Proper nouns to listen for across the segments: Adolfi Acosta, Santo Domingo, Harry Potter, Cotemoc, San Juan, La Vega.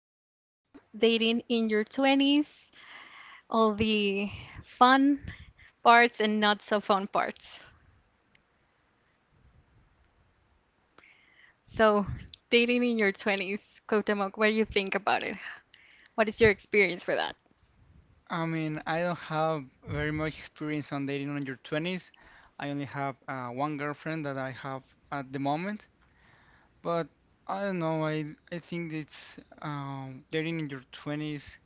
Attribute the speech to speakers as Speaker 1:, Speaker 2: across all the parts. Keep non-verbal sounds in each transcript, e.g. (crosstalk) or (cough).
Speaker 1: to talk about dating in your 20s, all the fun parts and not so fun parts. So, dating in your 20s, Cotemoc, what do you think about it? What is your experience for that?
Speaker 2: I mean, I don't have very much experience on dating on your 20s. I only have one girlfriend that I have at the moment, but I don't know. I think it's dating in your 20s.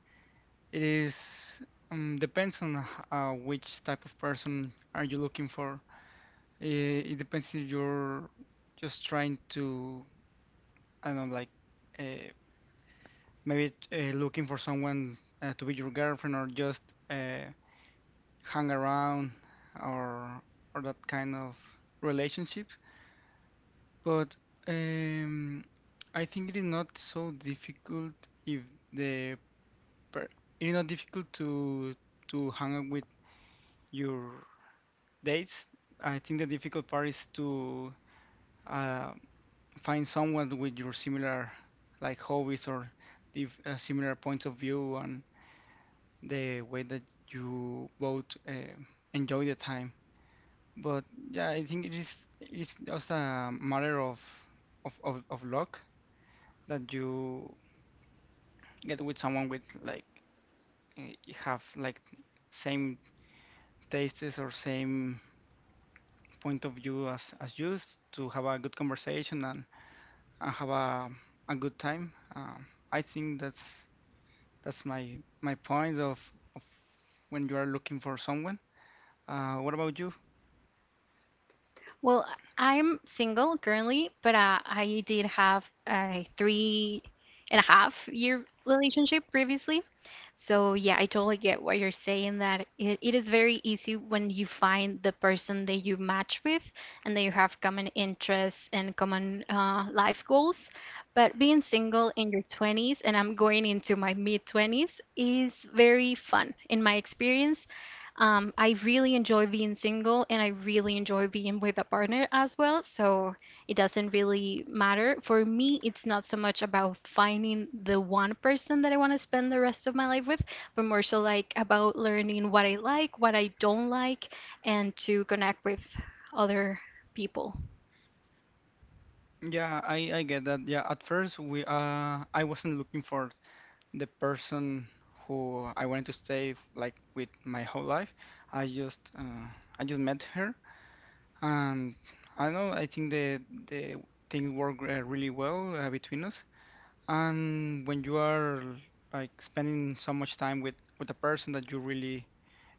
Speaker 2: It is depends on which type of person are you looking for. It depends if you're just trying to, I don't know, like uh, maybe looking for someone to be your girlfriend or just. Uh, Hang around or or that kind of relationship. But um, I think it is not so difficult if the per it is not difficult to hang out with your dates. I think the difficult part is to uh, find someone with your similar like hobbies or if, similar points of view and the way that you both enjoy the time. But yeah, I think it's just a matter of of luck that you get with someone with like eh, have like same tastes or same point of view as to have a good conversation and have a good time. I think that's my point of when you are looking for someone. What about you?
Speaker 1: Well, I'm single currently, but I did have a three and a half year relationship previously. So, yeah, I totally get what you're saying that it is very easy when you find the person that you match with and that you have common interests and common life goals. But being single in your 20s, and I'm going into my mid 20s, is very fun in my experience. I really enjoy being single and I really enjoy being with a partner as well. So it doesn't really matter. For me, it's not so much about finding the one person that I want to spend the rest of my life with, but more so like about learning what I like, what I don't like, and to connect with other people.
Speaker 2: Yeah, I get that. Yeah, at first we I wasn't looking for the person who I wanted to stay like with my whole life. I just uh, I just met her, and I don't know. I think the things work really well between us. And when you are like spending so much time with a person that you really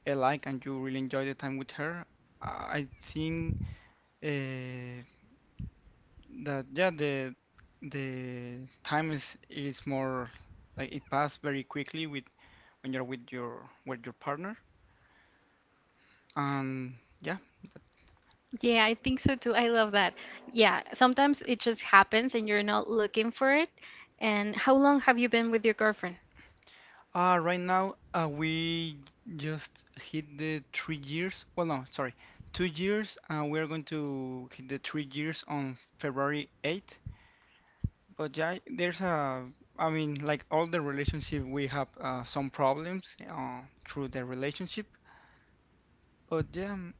Speaker 2: like and you really enjoy the time with her, I think uh, that yeah the time is more like it passed very quickly with when you're with your partner. And yeah.
Speaker 1: Yeah, I think so too. I love that. Yeah, sometimes it just happens and you're not looking for it. And how long have you been with your girlfriend?
Speaker 2: Right now, we just hit the 3 years. Well, no, sorry, 2 years. We are going to hit the 3 years on February 8th. But yeah, there's a, I mean, like all the relationship, we have some problems through the relationship. But yeah,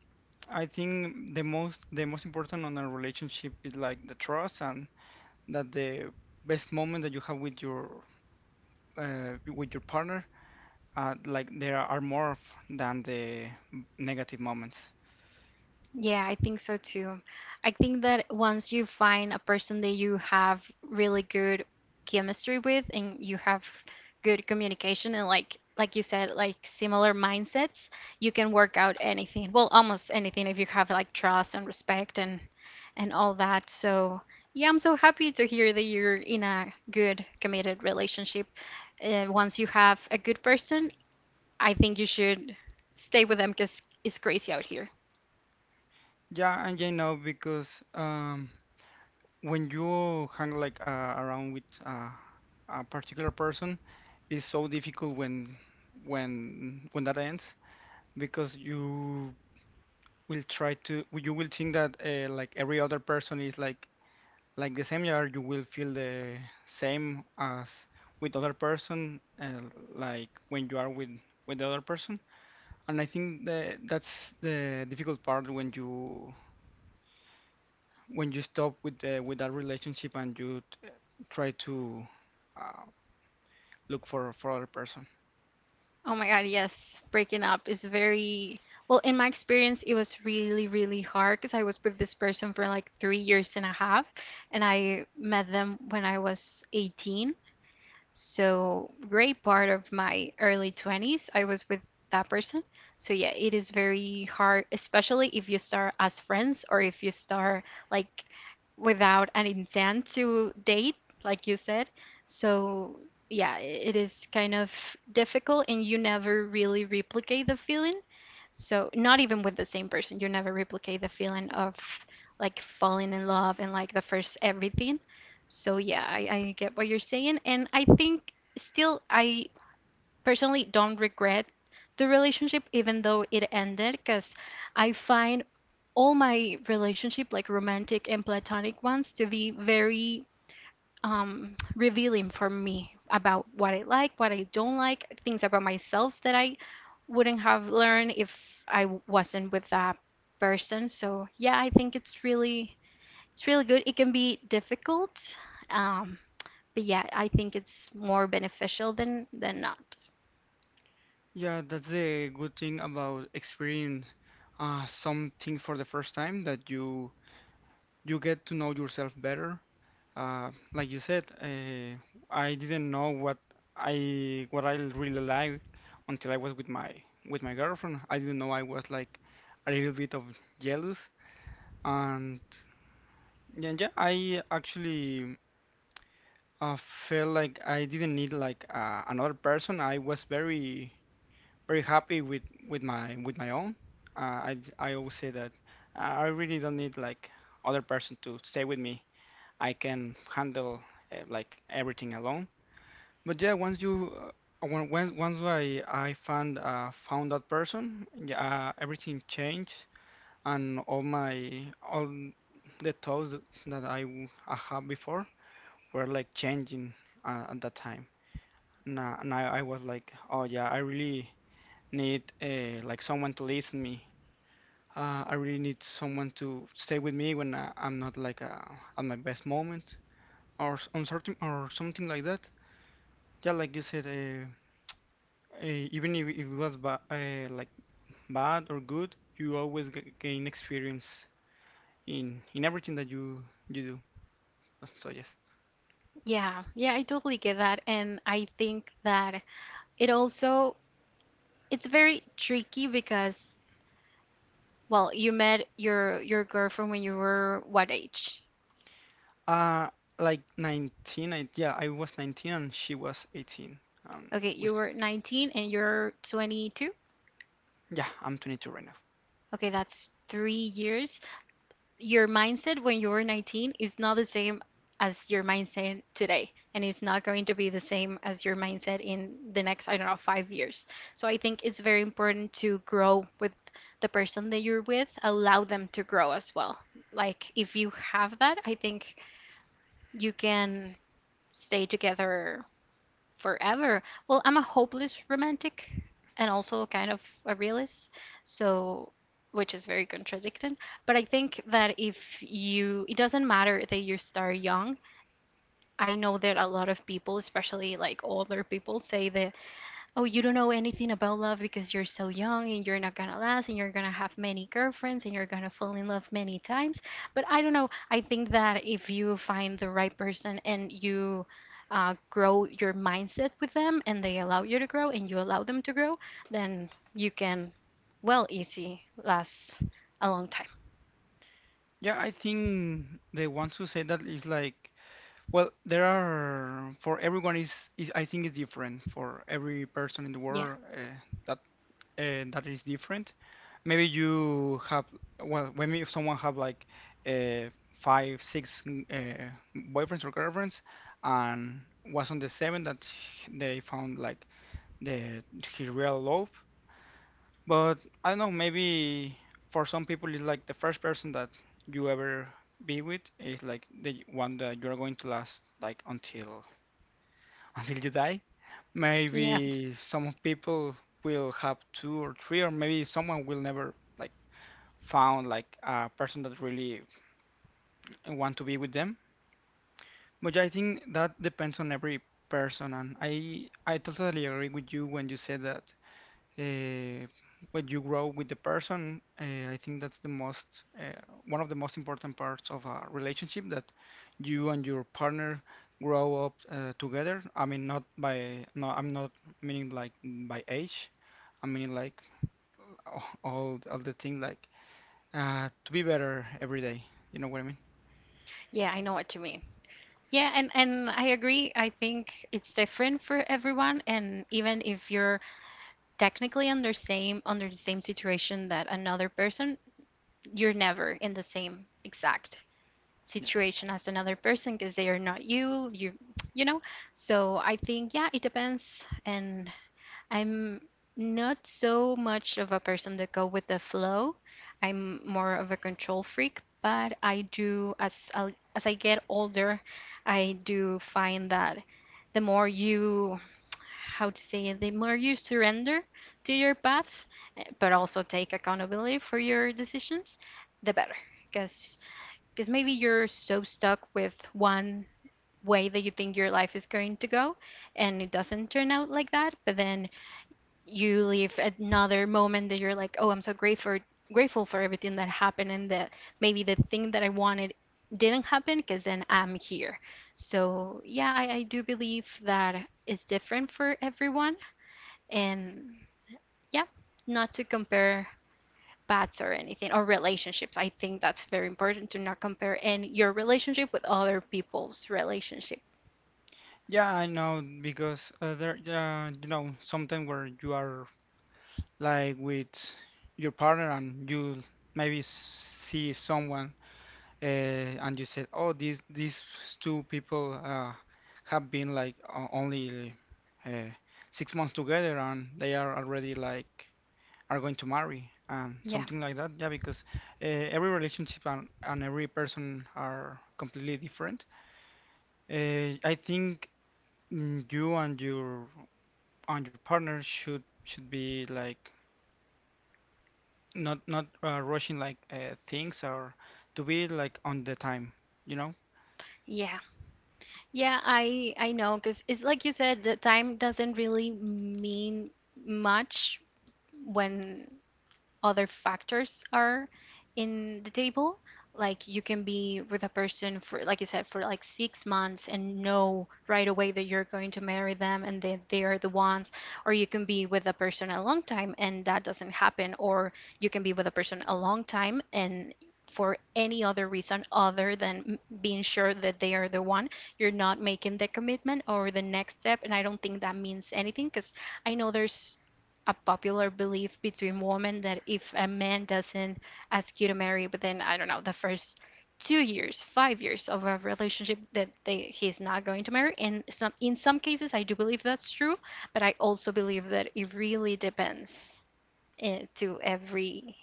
Speaker 2: I think the most important on a relationship is like the trust and that the best moment that you have with your partner, like there are more than the negative moments.
Speaker 1: Yeah, I think so too. I think that once you find a person that you have really good chemistry with and you have good communication and like you said, like similar mindsets, you can work out anything. Well, almost anything if you have like trust and respect and all that. So, yeah, I'm so happy to hear that you're in a good committed relationship. Once you have a good person, I think you should stay with them because it's crazy out here.
Speaker 2: Yeah, and you know because um, when you hang like around with a particular person, it's so difficult when when that ends because you will think that like every other person is like the same year you will feel the same as with other person, like when you are with the other person. And I think that that's the difficult part when you stop with with that relationship and try to uh, look for other person.
Speaker 1: Oh my God, yes. Breaking up is very, well, in my experience, it was really, really hard because I was with this person for like 3 years and a half, and I met them when I was 18. So, great part of my early 20s, I was with that person. So, yeah, it is very hard, especially if you start as friends or if you start like without an intent to date, like you said. So, yeah, it is kind of difficult and you never really replicate the feeling. So not even with the same person, you never replicate the feeling of like falling in love and like the first everything. So yeah, I get what you're saying, and I think still I personally don't regret the relationship even though it ended because I find all my relationship like romantic and platonic ones to be very revealing for me about what I like, what I don't like, things about myself that I wouldn't have learned if I wasn't with that person. So yeah, I think it's really good. It can be difficult, um, but yeah, I think it's more beneficial than not.
Speaker 2: Yeah, that's the good thing about experiencing some things for the first time that you get to know yourself better. Like you said, I didn't know what I really like until I was with my girlfriend. I didn't know I was like a little bit of jealous. And yeah, yeah, I actually felt like I didn't need like another person. I was very very happy with with my own. I always say that I really don't need like other person to stay with me. I can handle like everything alone. But yeah, once you when, once I found found that person, yeah, everything changed. And all the thoughts that I had before were like changing at that time. Now I was like, oh yeah, I really need like someone to listen me. I really need someone to stay with me when I'm not like at my best moment or s- on certain or something like that. Yeah, like you said, even if it was ba like bad or good, you always g gain experience in everything that you do. So yes.
Speaker 1: Yeah, yeah, I totally get that, and I think that it also it's very tricky because well, you met your girlfriend when you were what age?
Speaker 2: Uh, like 19, yeah, I was 19 and she was 18. Um,
Speaker 1: Okay, you
Speaker 2: with,
Speaker 1: were 19 and you're 22.
Speaker 2: yeah, I'm 22 right now.
Speaker 1: Okay, that's 3 years. Your mindset when you were 19 is not the same as your mindset today, and it's not going to be the same as your mindset in the next, I don't know, 5 years. So I think it's very important to grow with the person that you're with, allow them to grow as well. Like, if you have that, I think you can stay together forever. Well, I'm a hopeless romantic and also kind of a realist, so which is very contradicting. But I think that if you, it doesn't matter that you start young. I know that a lot of people, especially like older people, say that, oh, you don't know anything about love because you're so young and you're not gonna last and you're gonna have many girlfriends and you're gonna fall in love many times. But I don't know. I think that if you find the right person and you grow your mindset with them and they allow you to grow and you allow them to grow, then you can, well, easy last a long time.
Speaker 2: Yeah, I think the ones who say that is like, well, there are, for everyone is I think is different. For every person in the
Speaker 1: Yeah.
Speaker 2: world, that that is different. Maybe you have, well, maybe if someone have like uh, five, six, boyfriends or girlfriends, and was on the seven that they found like the his real love. But I don't know, maybe for some people it's like the first person that you ever be with is like the one that you're going to last like until (laughs) until you die.
Speaker 1: Yeah.
Speaker 2: Maybe some people will have two or three, or maybe someone will never like found like a person that really want to be with them. But yeah, I think that depends on every person, and I totally agree with you when you said that uh, when you grow with the person, I think that's the most one of the most important parts of a relationship that you and your partner grow up together. I mean, not by no, I'm not meaning like by age. I mean like all the thing like to be better every day. You know what I mean?
Speaker 1: Yeah, I know what you mean. Yeah, and I agree. I think it's different for everyone, and even if you're technically under the same situation that another person, you're never in the same exact
Speaker 2: Yeah.
Speaker 1: situation as another person because they are not you, you know. So I think yeah, it depends and I'm not so much of a person that go with the flow. I'm more of a control freak, but I do as I get older, I do find that the more you how to say it, the more you surrender to your path, but also take accountability for your decisions, the better. Because because maybe you're so stuck with one way that you think your life is going to go, and it doesn't turn out like that. But then you leave another moment that you're like, oh, I'm so grateful for everything that happened and that maybe the thing that I wanted didn't happen because then I'm here. So yeah, I do believe that it's different for everyone and yeah, not to compare bats or anything or relationships. I think that's very important to not compare in your relationship with other people's relationship.
Speaker 2: Yeah, I know because you know, sometimes where you are like with your partner and you maybe see someone, uh, and you said, "Oh, these two people have been like only uh, 6 months together and they are already like are going to marry and
Speaker 1: Yeah.
Speaker 2: something like that." Yeah, because every relationship and every person are completely different. I think you and your partner should be like not rushing like things or to be like on the time, you know?
Speaker 1: Yeah. Yeah, I know because it's like you said, the time doesn't really mean much when other factors are in the table. Like you can be with a person for, like you said, for like 6 months and know right away that you're going to marry them and that they are the ones. Or you can be with a person a long time and that doesn't happen. Or you can be with a person a long time and for any other reason other than being sure that they are the one, you're not making the commitment or the next step. And I don't think that means anything because I know there's a popular belief between women that if a man doesn't ask you to marry within, I don't know, the first 2 years, 5 years of a relationship, that they he's not going to marry. And some in some cases, I do believe that's true, but I also believe that it really depends to every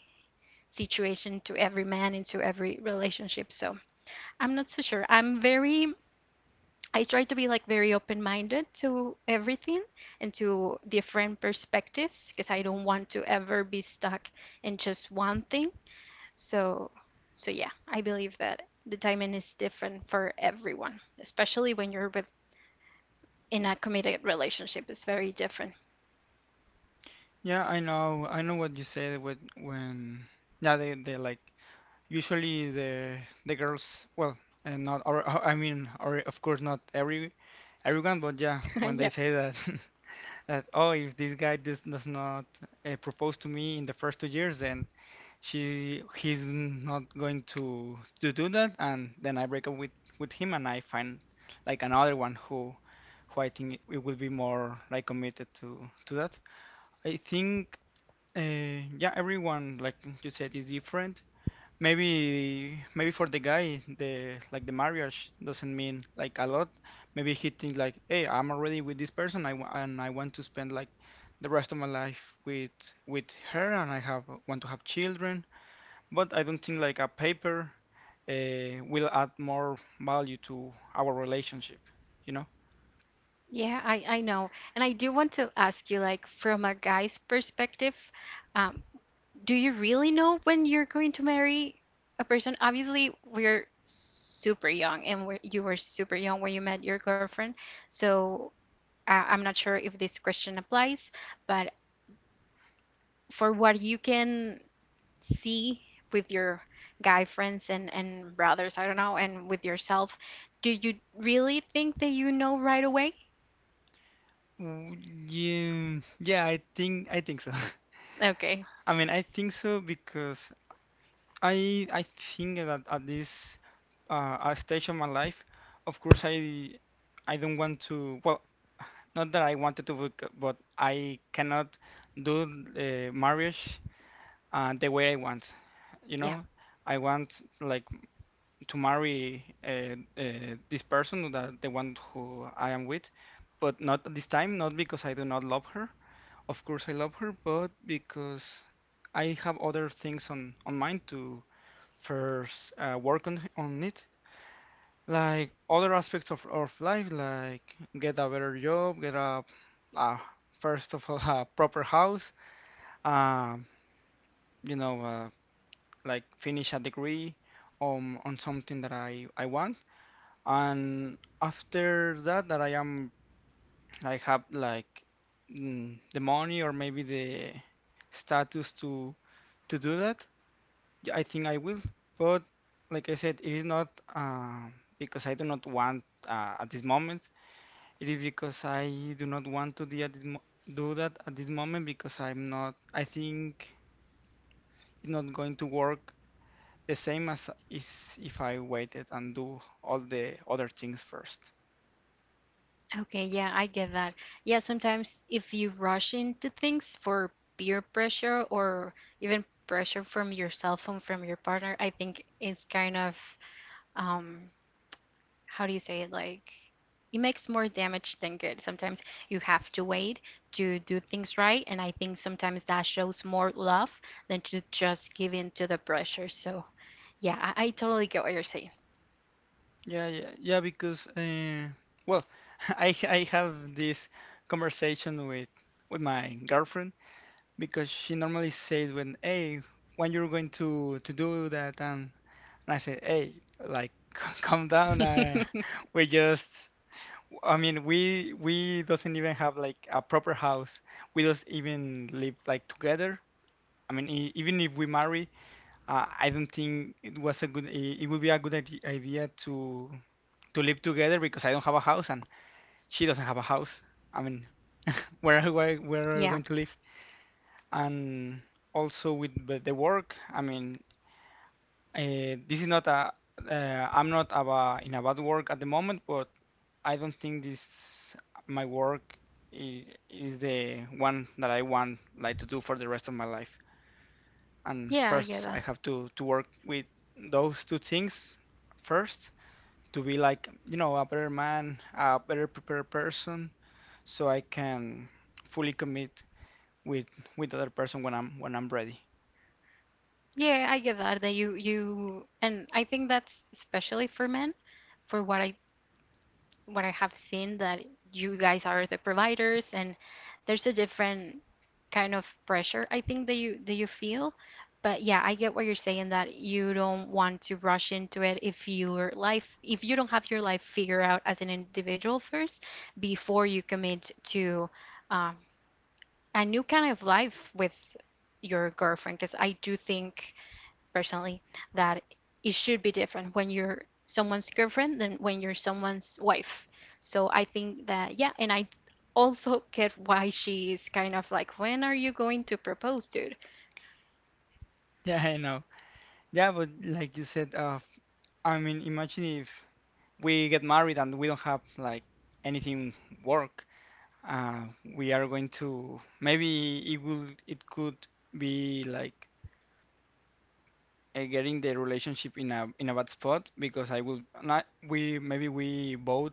Speaker 1: situation, to every man, and to every relationship. So I'm not so sure. I try to be like very open minded to everything and to different perspectives because I don't want to ever be stuck in just one thing. So, so yeah, I believe that the timing is different for everyone, especially when you're with in a committed relationship. It's very different.
Speaker 2: Yeah, I know. I know what you said with when yeah, they like usually the girls, well, and not or or- I mean, or of course not every everyone, but yeah,
Speaker 1: (laughs)
Speaker 2: when they
Speaker 1: Yeah.
Speaker 2: say that (laughs) that oh, if this guy does not propose to me in the first 2 years, then she he's not going to do that, and then I break up with him and I find like another one who I think it will be more like committed to that. I think yeah, everyone like you said is different. Maybe for the guy the like the marriage doesn't mean like a lot. Maybe he thinks like, hey, I'm already with this person, I wa- and I want to spend like the rest of my life with with her, and I have want to have children. But I don't think like a paper will add more value to our relationship. You know?
Speaker 1: Yeah, I know. And I do want to ask you, like, from a guy's perspective, um, do you really know when you're going to marry a person? Obviously, we're super young, and you were super young when you met your girlfriend. So I'm not sure if this question applies, but for what you can see with your guy friends and brothers, I don't know, and with yourself, do you really think that you know right away?
Speaker 2: W- Yeah, yeah, I think so.
Speaker 1: Okay,
Speaker 2: (laughs) I mean, I think so because I think that at this stage of my life, of course, I don't want to. Well, not that I wanted to, but I cannot do marriage the way I want. You
Speaker 1: yeah.
Speaker 2: know, I want like to marry this person, that the one who I am with, but not at this time. Not because I do not love her. Of course, I love her, but because I have other things on mind to first work on it, like other aspects of life, like get a better job, get a uh, first of all (laughs) a proper house, um, you know, like finish a degree on something that I want, and after that I have like the money or maybe the status to do that. Yeah, I think I will, but like I said, it is not uh, because I do not want at this moment. It is because I do not want to do at this mo do that at this moment because I'm not. I think it's not going to work the same as is if I waited and do all the other things first.
Speaker 1: Okay, yeah, I get that. Yeah, sometimes if you rush into things for peer pressure or even pressure from your cell phone from your partner, I think it's kind of um how do you say it? Like it makes more damage than good. Sometimes you have to wait to do things right, and I think sometimes that shows more love than to just give in to the pressure. So, yeah, I totally get what you're saying.
Speaker 2: Yeah, yeah, yeah. Because well, (laughs) I have this conversation with my girlfriend because she normally says when, hey, when you're going to do that, and I say, hey, like (laughs) calm down.
Speaker 1: (laughs)
Speaker 2: (laughs) We just, I mean, we doesn't even have like a proper house. We don't even live like together. I mean, e even if we marry, I don't think it was a good. It would be a good idea to live together because I don't have a house and she doesn't have a house. I mean, where are we
Speaker 1: Yeah.
Speaker 2: going to live? And also with the work. This is not a I'm not a, in a bad work at the moment, but I don't think this my work is the one that I want, like, to do for the rest of my life. And
Speaker 1: Yeah, I get
Speaker 2: first I have to work with those two things first, to be, like, a better man, a better prepared person, so I can fully commit with the other person when I'm when I'm ready.
Speaker 1: Yeah, I get that that you and I think that's especially for men, for what I have seen that you guys are the providers and there's a different kind of pressure I think that you feel. But yeah, I get what you're saying that you don't want to rush into it if your life if you don't have your life figured out as an individual first before you commit to um, a new kind of life with your girlfriend because I do think personally that it should be different when you're someone's girlfriend than when you're someone's wife. So I think that, yeah, and I also get why she is kind of like, when are you going to propose, dude?
Speaker 2: (laughs) Yeah, I know. Yeah, but like you said, I mean, imagine if we get married and we don't have like anything, work. Uh, we are going to, maybe it will, it could be like, getting the relationship in a bad spot, because I will not, we maybe, we both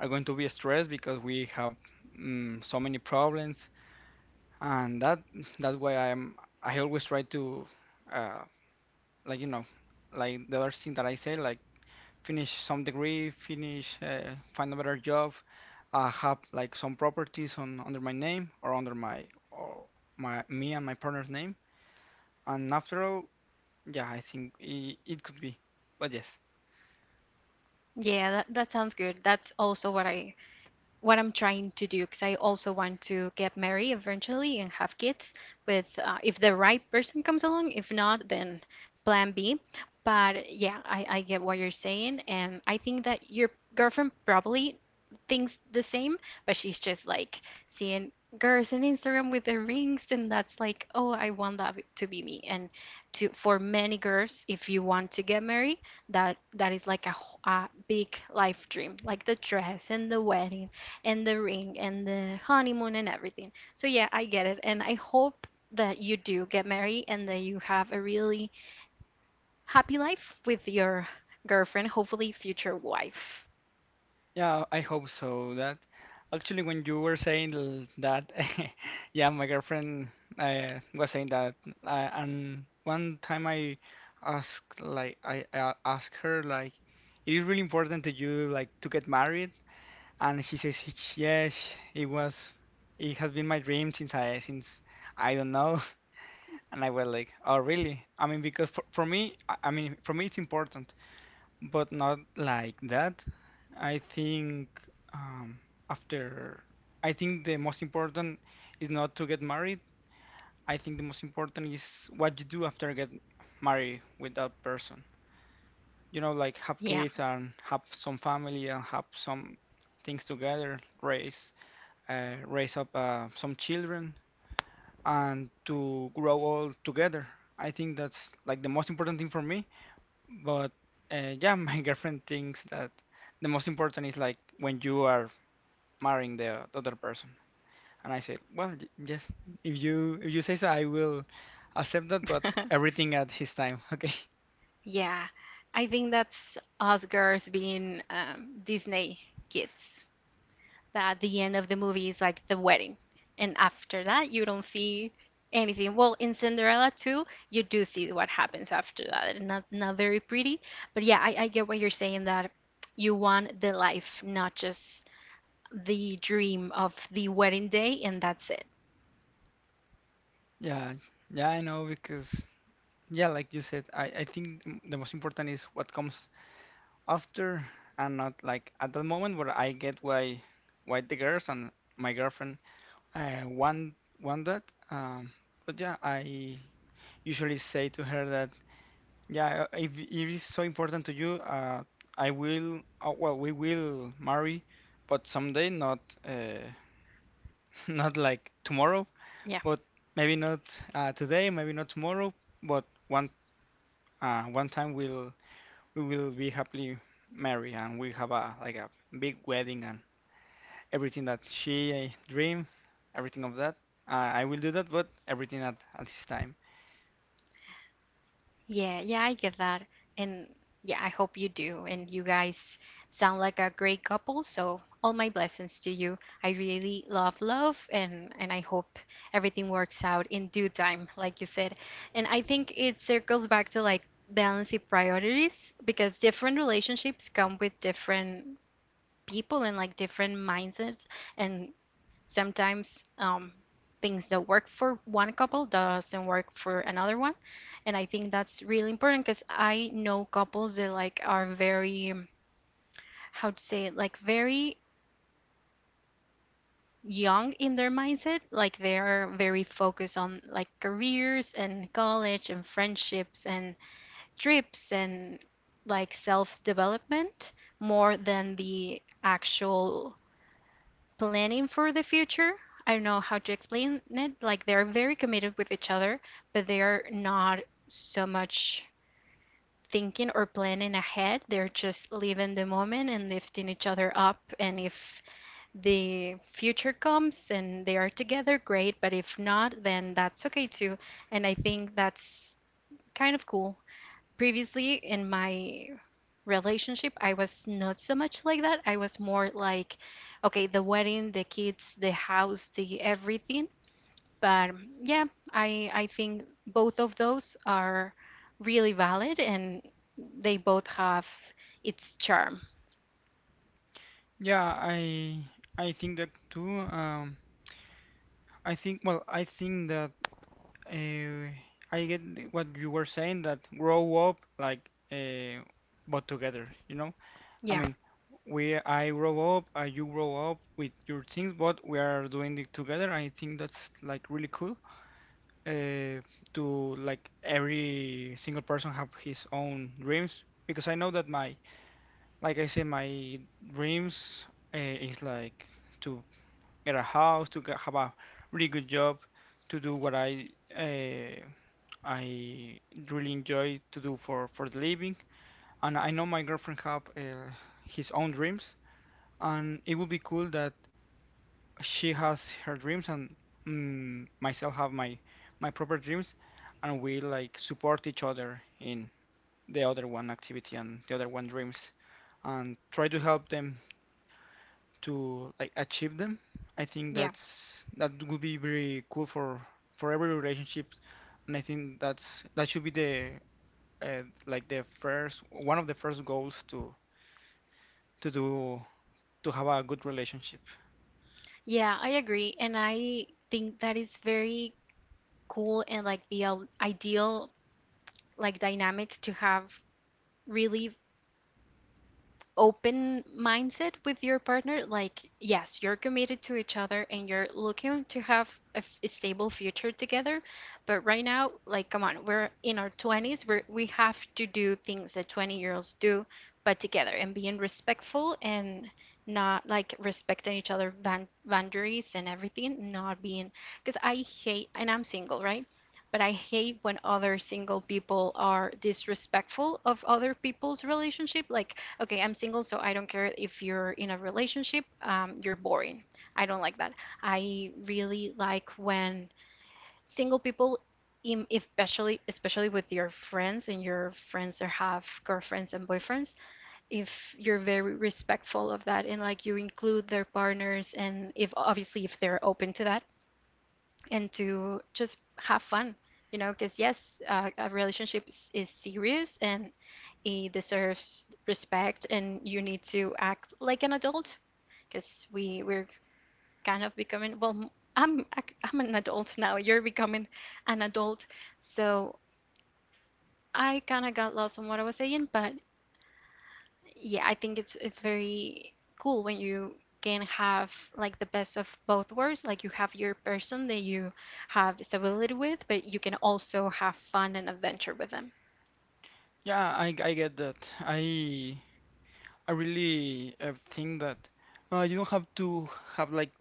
Speaker 2: are going to be stressed because we have, so many problems. And that That's why I always try to uh, like you know like, the other thing that I say, like, finish some degree, finish, find a better job, have like some properties on under my name, or under my, or my, me and my partner's name. And after all, yeah, I think it could be. But yes,
Speaker 1: Yeah, that, that sounds good. That's also what I'm trying to do because I also want to get married eventually and have kids with if the right person comes along. If not, then plan B. But yeah, I get what you're saying, and I think that your girlfriend probably thinks the same, but she's just like seeing girls on Instagram with the rings, and that's like, oh, I want that to be me. And to for many girls, if you want to get married, that is like a, a big life dream, like the dress and the wedding and the ring and the honeymoon and everything. So yeah, I get it. And I hope that you do get married and that you have a really happy life with your girlfriend, hopefully future wife.
Speaker 2: yeah, I hope so. That, actually, when you were saying that, (laughs) yeah, my girlfriend was saying that, and one time I asked her like, it is really important to you, like, to get married? And she says, "Yes, it was. It has been my dream since I, since I don't know." (laughs) And I was like, "Oh, really?" I mean, because for me, I mean, for me it's important, but not like that. I think, um, after, I think the most important is not to get married. I think the most important is what you do after you get married with that person. You know, like, have
Speaker 1: Yeah. (laughs)
Speaker 2: kids and have some family and have some things together, race. Raise up, some children, and to grow all together. I think that's like the most important thing for me. But yeah, (laughs) my girlfriend thinks that the most important is like when you are marrying the other person. And I said, well, yes, if you say so, I will accept that, but everything at his time. (laughs) Okay.
Speaker 1: Yeah. I think that's us girls being Disney kids. That the end of the movie is like the wedding. And after that, you don't see anything. Well, in Cinderella too, you do see what happens after that. And not very pretty, but yeah, I get what you're saying that you want the life, not just the dream of the wedding day, and that's it.
Speaker 2: Yeah, yeah, I know, because yeah, like you said, I think the most important is what comes after. I'm not like at the moment where I get why the girls and my girlfriend uh, want want that. Um, but yeah, I usually say to her that yeah, if it is so important to you, I will. Well, we will marry, but someday, not, uh, (laughs) not like tomorrow,
Speaker 1: Yeah.
Speaker 2: but maybe not, today, maybe not tomorrow, but one, one time we'll, we will be happily married and we have a, like a big wedding and everything that she, dream, everything of that. I will do that, but everything at this time.
Speaker 1: Yeah, yeah, I get that. And yeah, I hope you do. And you guys sound like a great couple, so all my blessings to you. I really love and I hope everything works out in due time, like you said. And I think it circles back to like balancing priorities because different relationships come with different people and like different mindsets, and sometimes things that work for one couple doesn't work for another one. And I think that's really important because I know couples that like are very how to say it, like very young in their mindset. Like they are very focused on like careers and college and friendships and trips and like self development more than the actual planning for the future. I don't know how to explain it. Like they're very committed with each other, but they're not so much thinking or planning ahead. They're just living the moment and lifting each other up. And if the future comes and they are together, great. But if not, then that's okay too. And I think that's kind of cool. Previously in my relationship, I was not so much like that. I was more like, okay, the wedding, the kids, the house, the everything. But yeah, I think both of those are really valid and they both have its charm.
Speaker 2: Yeah, I think that too. I think, well, I think that, uh, I get what you were saying, that grow up like, but together. You know, I
Speaker 1: Yeah,
Speaker 2: mean, we I grow up, you grow up with your things, but we are doing it together. I think that's like really cool. uh, to like every single person have his own dreams, because I know that my, like I said, my dreams, is like to get a house, to get, have a really good job, to do what I, uh, I really enjoy to do for the living. And I know my girlfriend have, his own dreams, and it would be cool that she has her dreams and, myself have my, my proper dreams, and we like support each other in the other one activity and the other one dreams, and try to help them to like achieve them. I think
Speaker 1: yeah.
Speaker 2: that's, that would be very cool for every relationship. And I think that's, that should be the, like the first one, of the first goals to do, to have a good relationship.
Speaker 1: Yeah, I agree. And I think that is very cool and like the ideal like dynamic to have really open mindset with your partner. Like yes, you're committed to each other and you're looking to have a, a stable future together, but right now, like, come on, we're in our 20s. We have to do things that 20-year-olds do, but together, and being respectful and not like respecting each other boundaries and everything, not being, because I hate, and I'm single, right, but I hate when other single people are disrespectful of other people's relationship. Like, okay, I'm single, so I don't care if you're in a relationship, you're boring. I don't like that. I really like when single people, especially with your friends and your friends that have girlfriends and boyfriends, if you're very respectful of that and like you include their partners and if obviously if they're open to that and to just have fun, you know, because yes, a relationship is serious and it deserves respect, and you need to act like an adult, because we're kind of becoming, well, I'm I'm an adult now. You're becoming an adult, so I kind of got lost on what I was saying, but yeah, I think it's very cool when you can have like the best of both worlds. Like you have your person that you have stability with, but you can also have fun and adventure with them.
Speaker 2: Yeah, I get that. I really, think that, you don't have to have like,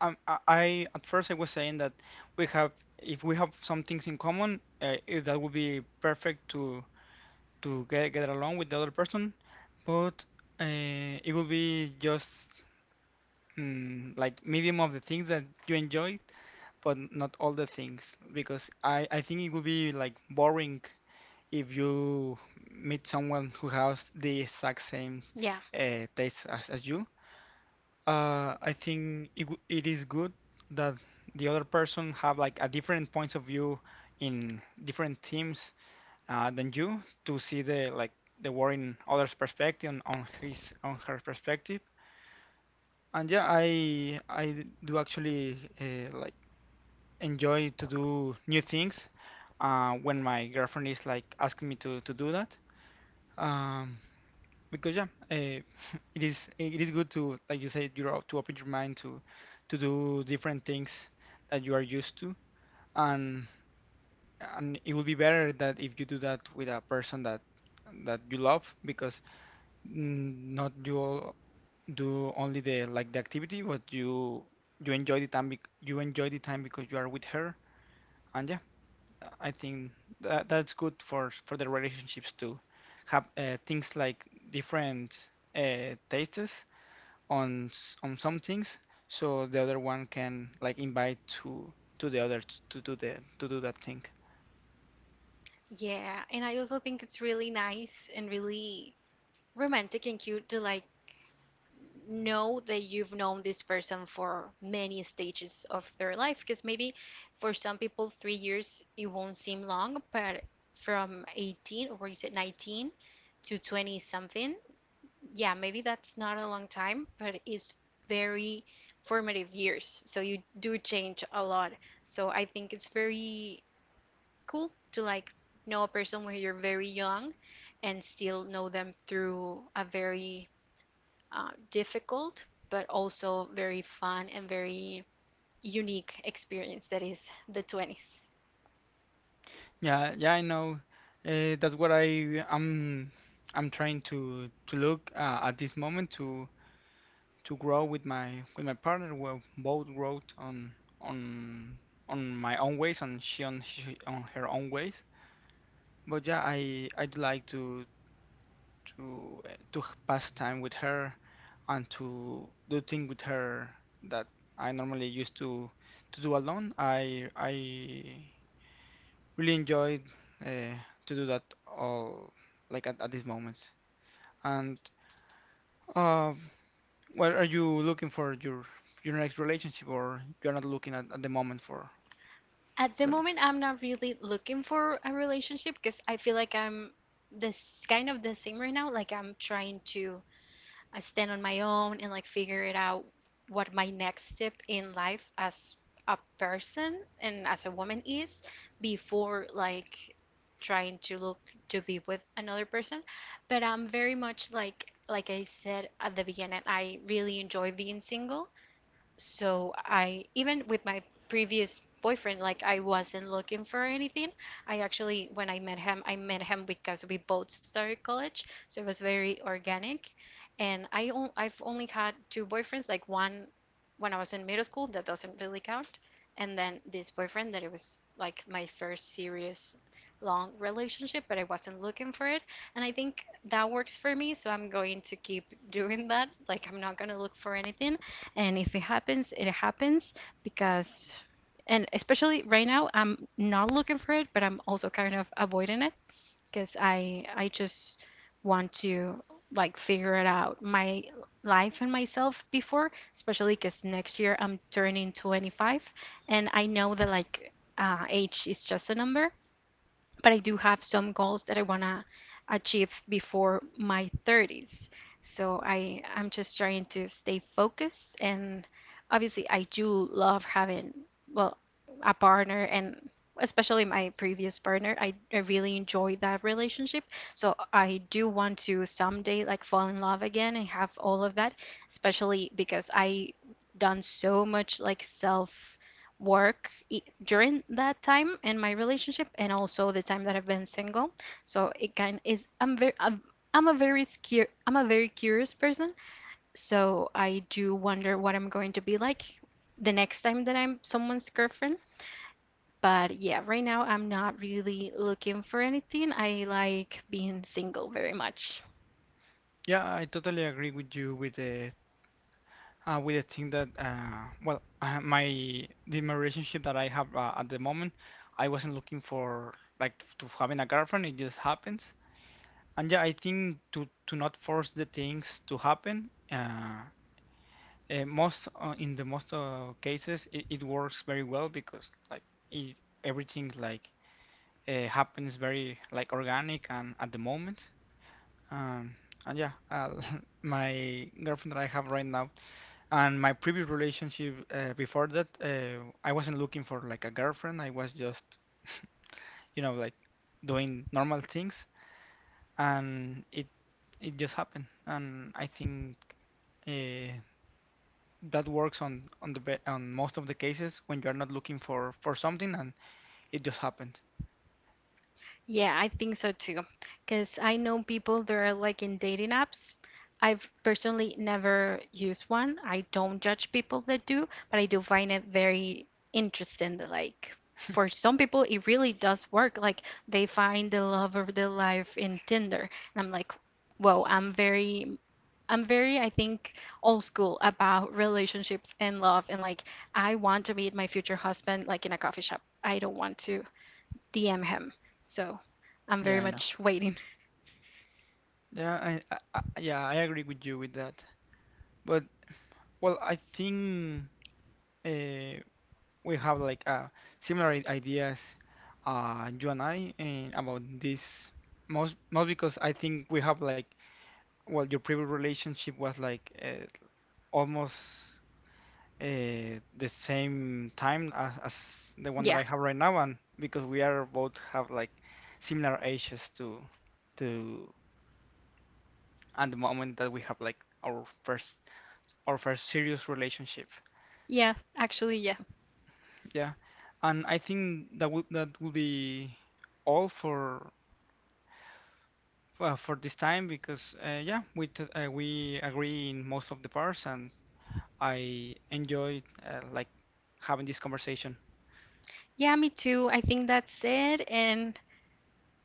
Speaker 2: I at first I was saying that we have, if we have some things in common, it, that would be perfect to get along with the other person. But, it will be just, like medium of the things that you enjoy, but not all the things, because I think it would be like boring if you meet someone who has the exact same,
Speaker 1: Yeah.
Speaker 2: tastes as, you. I think it is good that the other person have like a different points of view in different teams, than you, to see the like the war in others' perspective and on his, on her perspective. And yeah, I do actually, like enjoy to do new things when my girlfriend is like asking me to do that. Um, because yeah, (laughs) it is good to, like you said, you're to open your mind to do different things that you are used to, and and it would be better that if you do that with a person that you love, because, not you all do only the like the activity, but you enjoy the time you enjoy the time because you are with her. And yeah, I think that that's good for the relationships, to have, things like different, tastes on on some things, so the other one can like invite to the other to do the to do that thing.
Speaker 1: Yeah, and I also think it's really nice and really romantic and cute to like know that you've known this person for many stages of their life, because maybe for some people 3 years it won't seem long, but from 18, or you said 19, to 20 something, yeah, maybe that's not a long time, but it's very formative years, so you do change a lot. So I think it's very cool to like know a person when you're very young and still know them through a very difficult, but also very fun and very unique experience that is the 20s.
Speaker 2: Yeah, yeah, I know. That's what I'm trying to look, at this moment, to grow with my, with my partner. We both grow on on my own ways, and she on, she on her own ways. But yeah, I do like to, to pass time with her and to do things with her that I normally used to do alone. I really enjoyed, uh, to do that all like at these moments. And, um, well, are you looking for your next relationship, or you're not looking at the moment
Speaker 1: At
Speaker 2: for
Speaker 1: the
Speaker 2: the next?
Speaker 1: moment, I'm not really looking for a relationship, because I feel like I'm this kind of the same right now. Like I'm trying to I stand on my own and like figure it out what my next step in life as a person and as a woman is before like trying to look to be with another person. But I'm very much like I said at the beginning, I really enjoy being single, so I even with my previous boyfriend, like I wasn't looking for anything. I actually when I met him because we both started college, so it was very organic. And I've only had two boyfriends, like one when I was in middle school, that doesn't really count, and then this boyfriend that it was like my first serious long relationship, but I wasn't looking for it. And I think that works for me, so I'm going to keep (laughs) doing that. Like I'm not gonna look for anything, and if it happens, it happens. Because, and especially right now, I'm not looking for it, but I'm also kind of avoiding it, because I just want to like figure it out my life and myself before, especially because next year I'm turning 25, and I know that like age is just a number, but I do have some goals that I want to achieve before my 30s. So I'm just trying to stay focused, and obviously I do love having, well, a partner, and especially my previous partner, I really enjoy that relationship, so I do want to someday like fall in love again and have all of that, especially because I done so much like self work during that time and my relationship and also the time that I've been single. So it kind is I'm very I'm a I'm a very curious person. So I do wonder what I'm going to be like the next time that I'm someone's girlfriend. But yeah, right now I'm not really looking for anything. I like being single very much.
Speaker 2: Yeah, I totally agree with you with the, with the thing that, well, my, the my relationship that I have, at the moment, I wasn't looking for like to having a girlfriend, it just happens. And yeah, I think to not force the things to happen, most, in the most, cases, it works very well, because like, it, everything like, happens very like organic and at the moment. um, and yeah, (laughs) my girlfriend that I have right now and my previous relationship, before that, I wasn't looking for like a girlfriend. I was just, you know, like doing normal things, and it just happened. And I think, uh, that works on the be on most of the cases when you are not looking for something and it just happened.
Speaker 1: Yeah, I think so too. Because I know people that are like in dating apps. I've personally never used one. I don't judge people that do, but I do find it very interesting that, like, for some people, it really does work. Like, they find the love of their life in Tinder. And I'm like, whoa, I'm very, I think, old school about relationships and love. And like, I want to meet my future husband like in a coffee shop. I don't want to DM him. So I'm
Speaker 2: Yeah,
Speaker 1: very
Speaker 2: I know.
Speaker 1: much waiting. (laughs)
Speaker 2: Yeah, I yeah, I agree with you with that. But well, I think. Uh, we have like, similar ideas, you and I, and about this, most, because I think we have like, well, your previous relationship was like, almost, the same time as, the one that
Speaker 1: Yeah.
Speaker 2: I have right now, and because we are both have like similar ages to, and the moment that we have like our first, our first serious relationship,
Speaker 1: Yeah, actually, yeah.
Speaker 2: yeah, and I think that would, that would be all for, well, for this time because, yeah, we agree in most of the parts, and I enjoyed, like having this conversation.
Speaker 1: Yeah, me too. I think that's it. And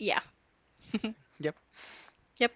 Speaker 1: yeah. (laughs)
Speaker 2: Yep.
Speaker 1: Yep.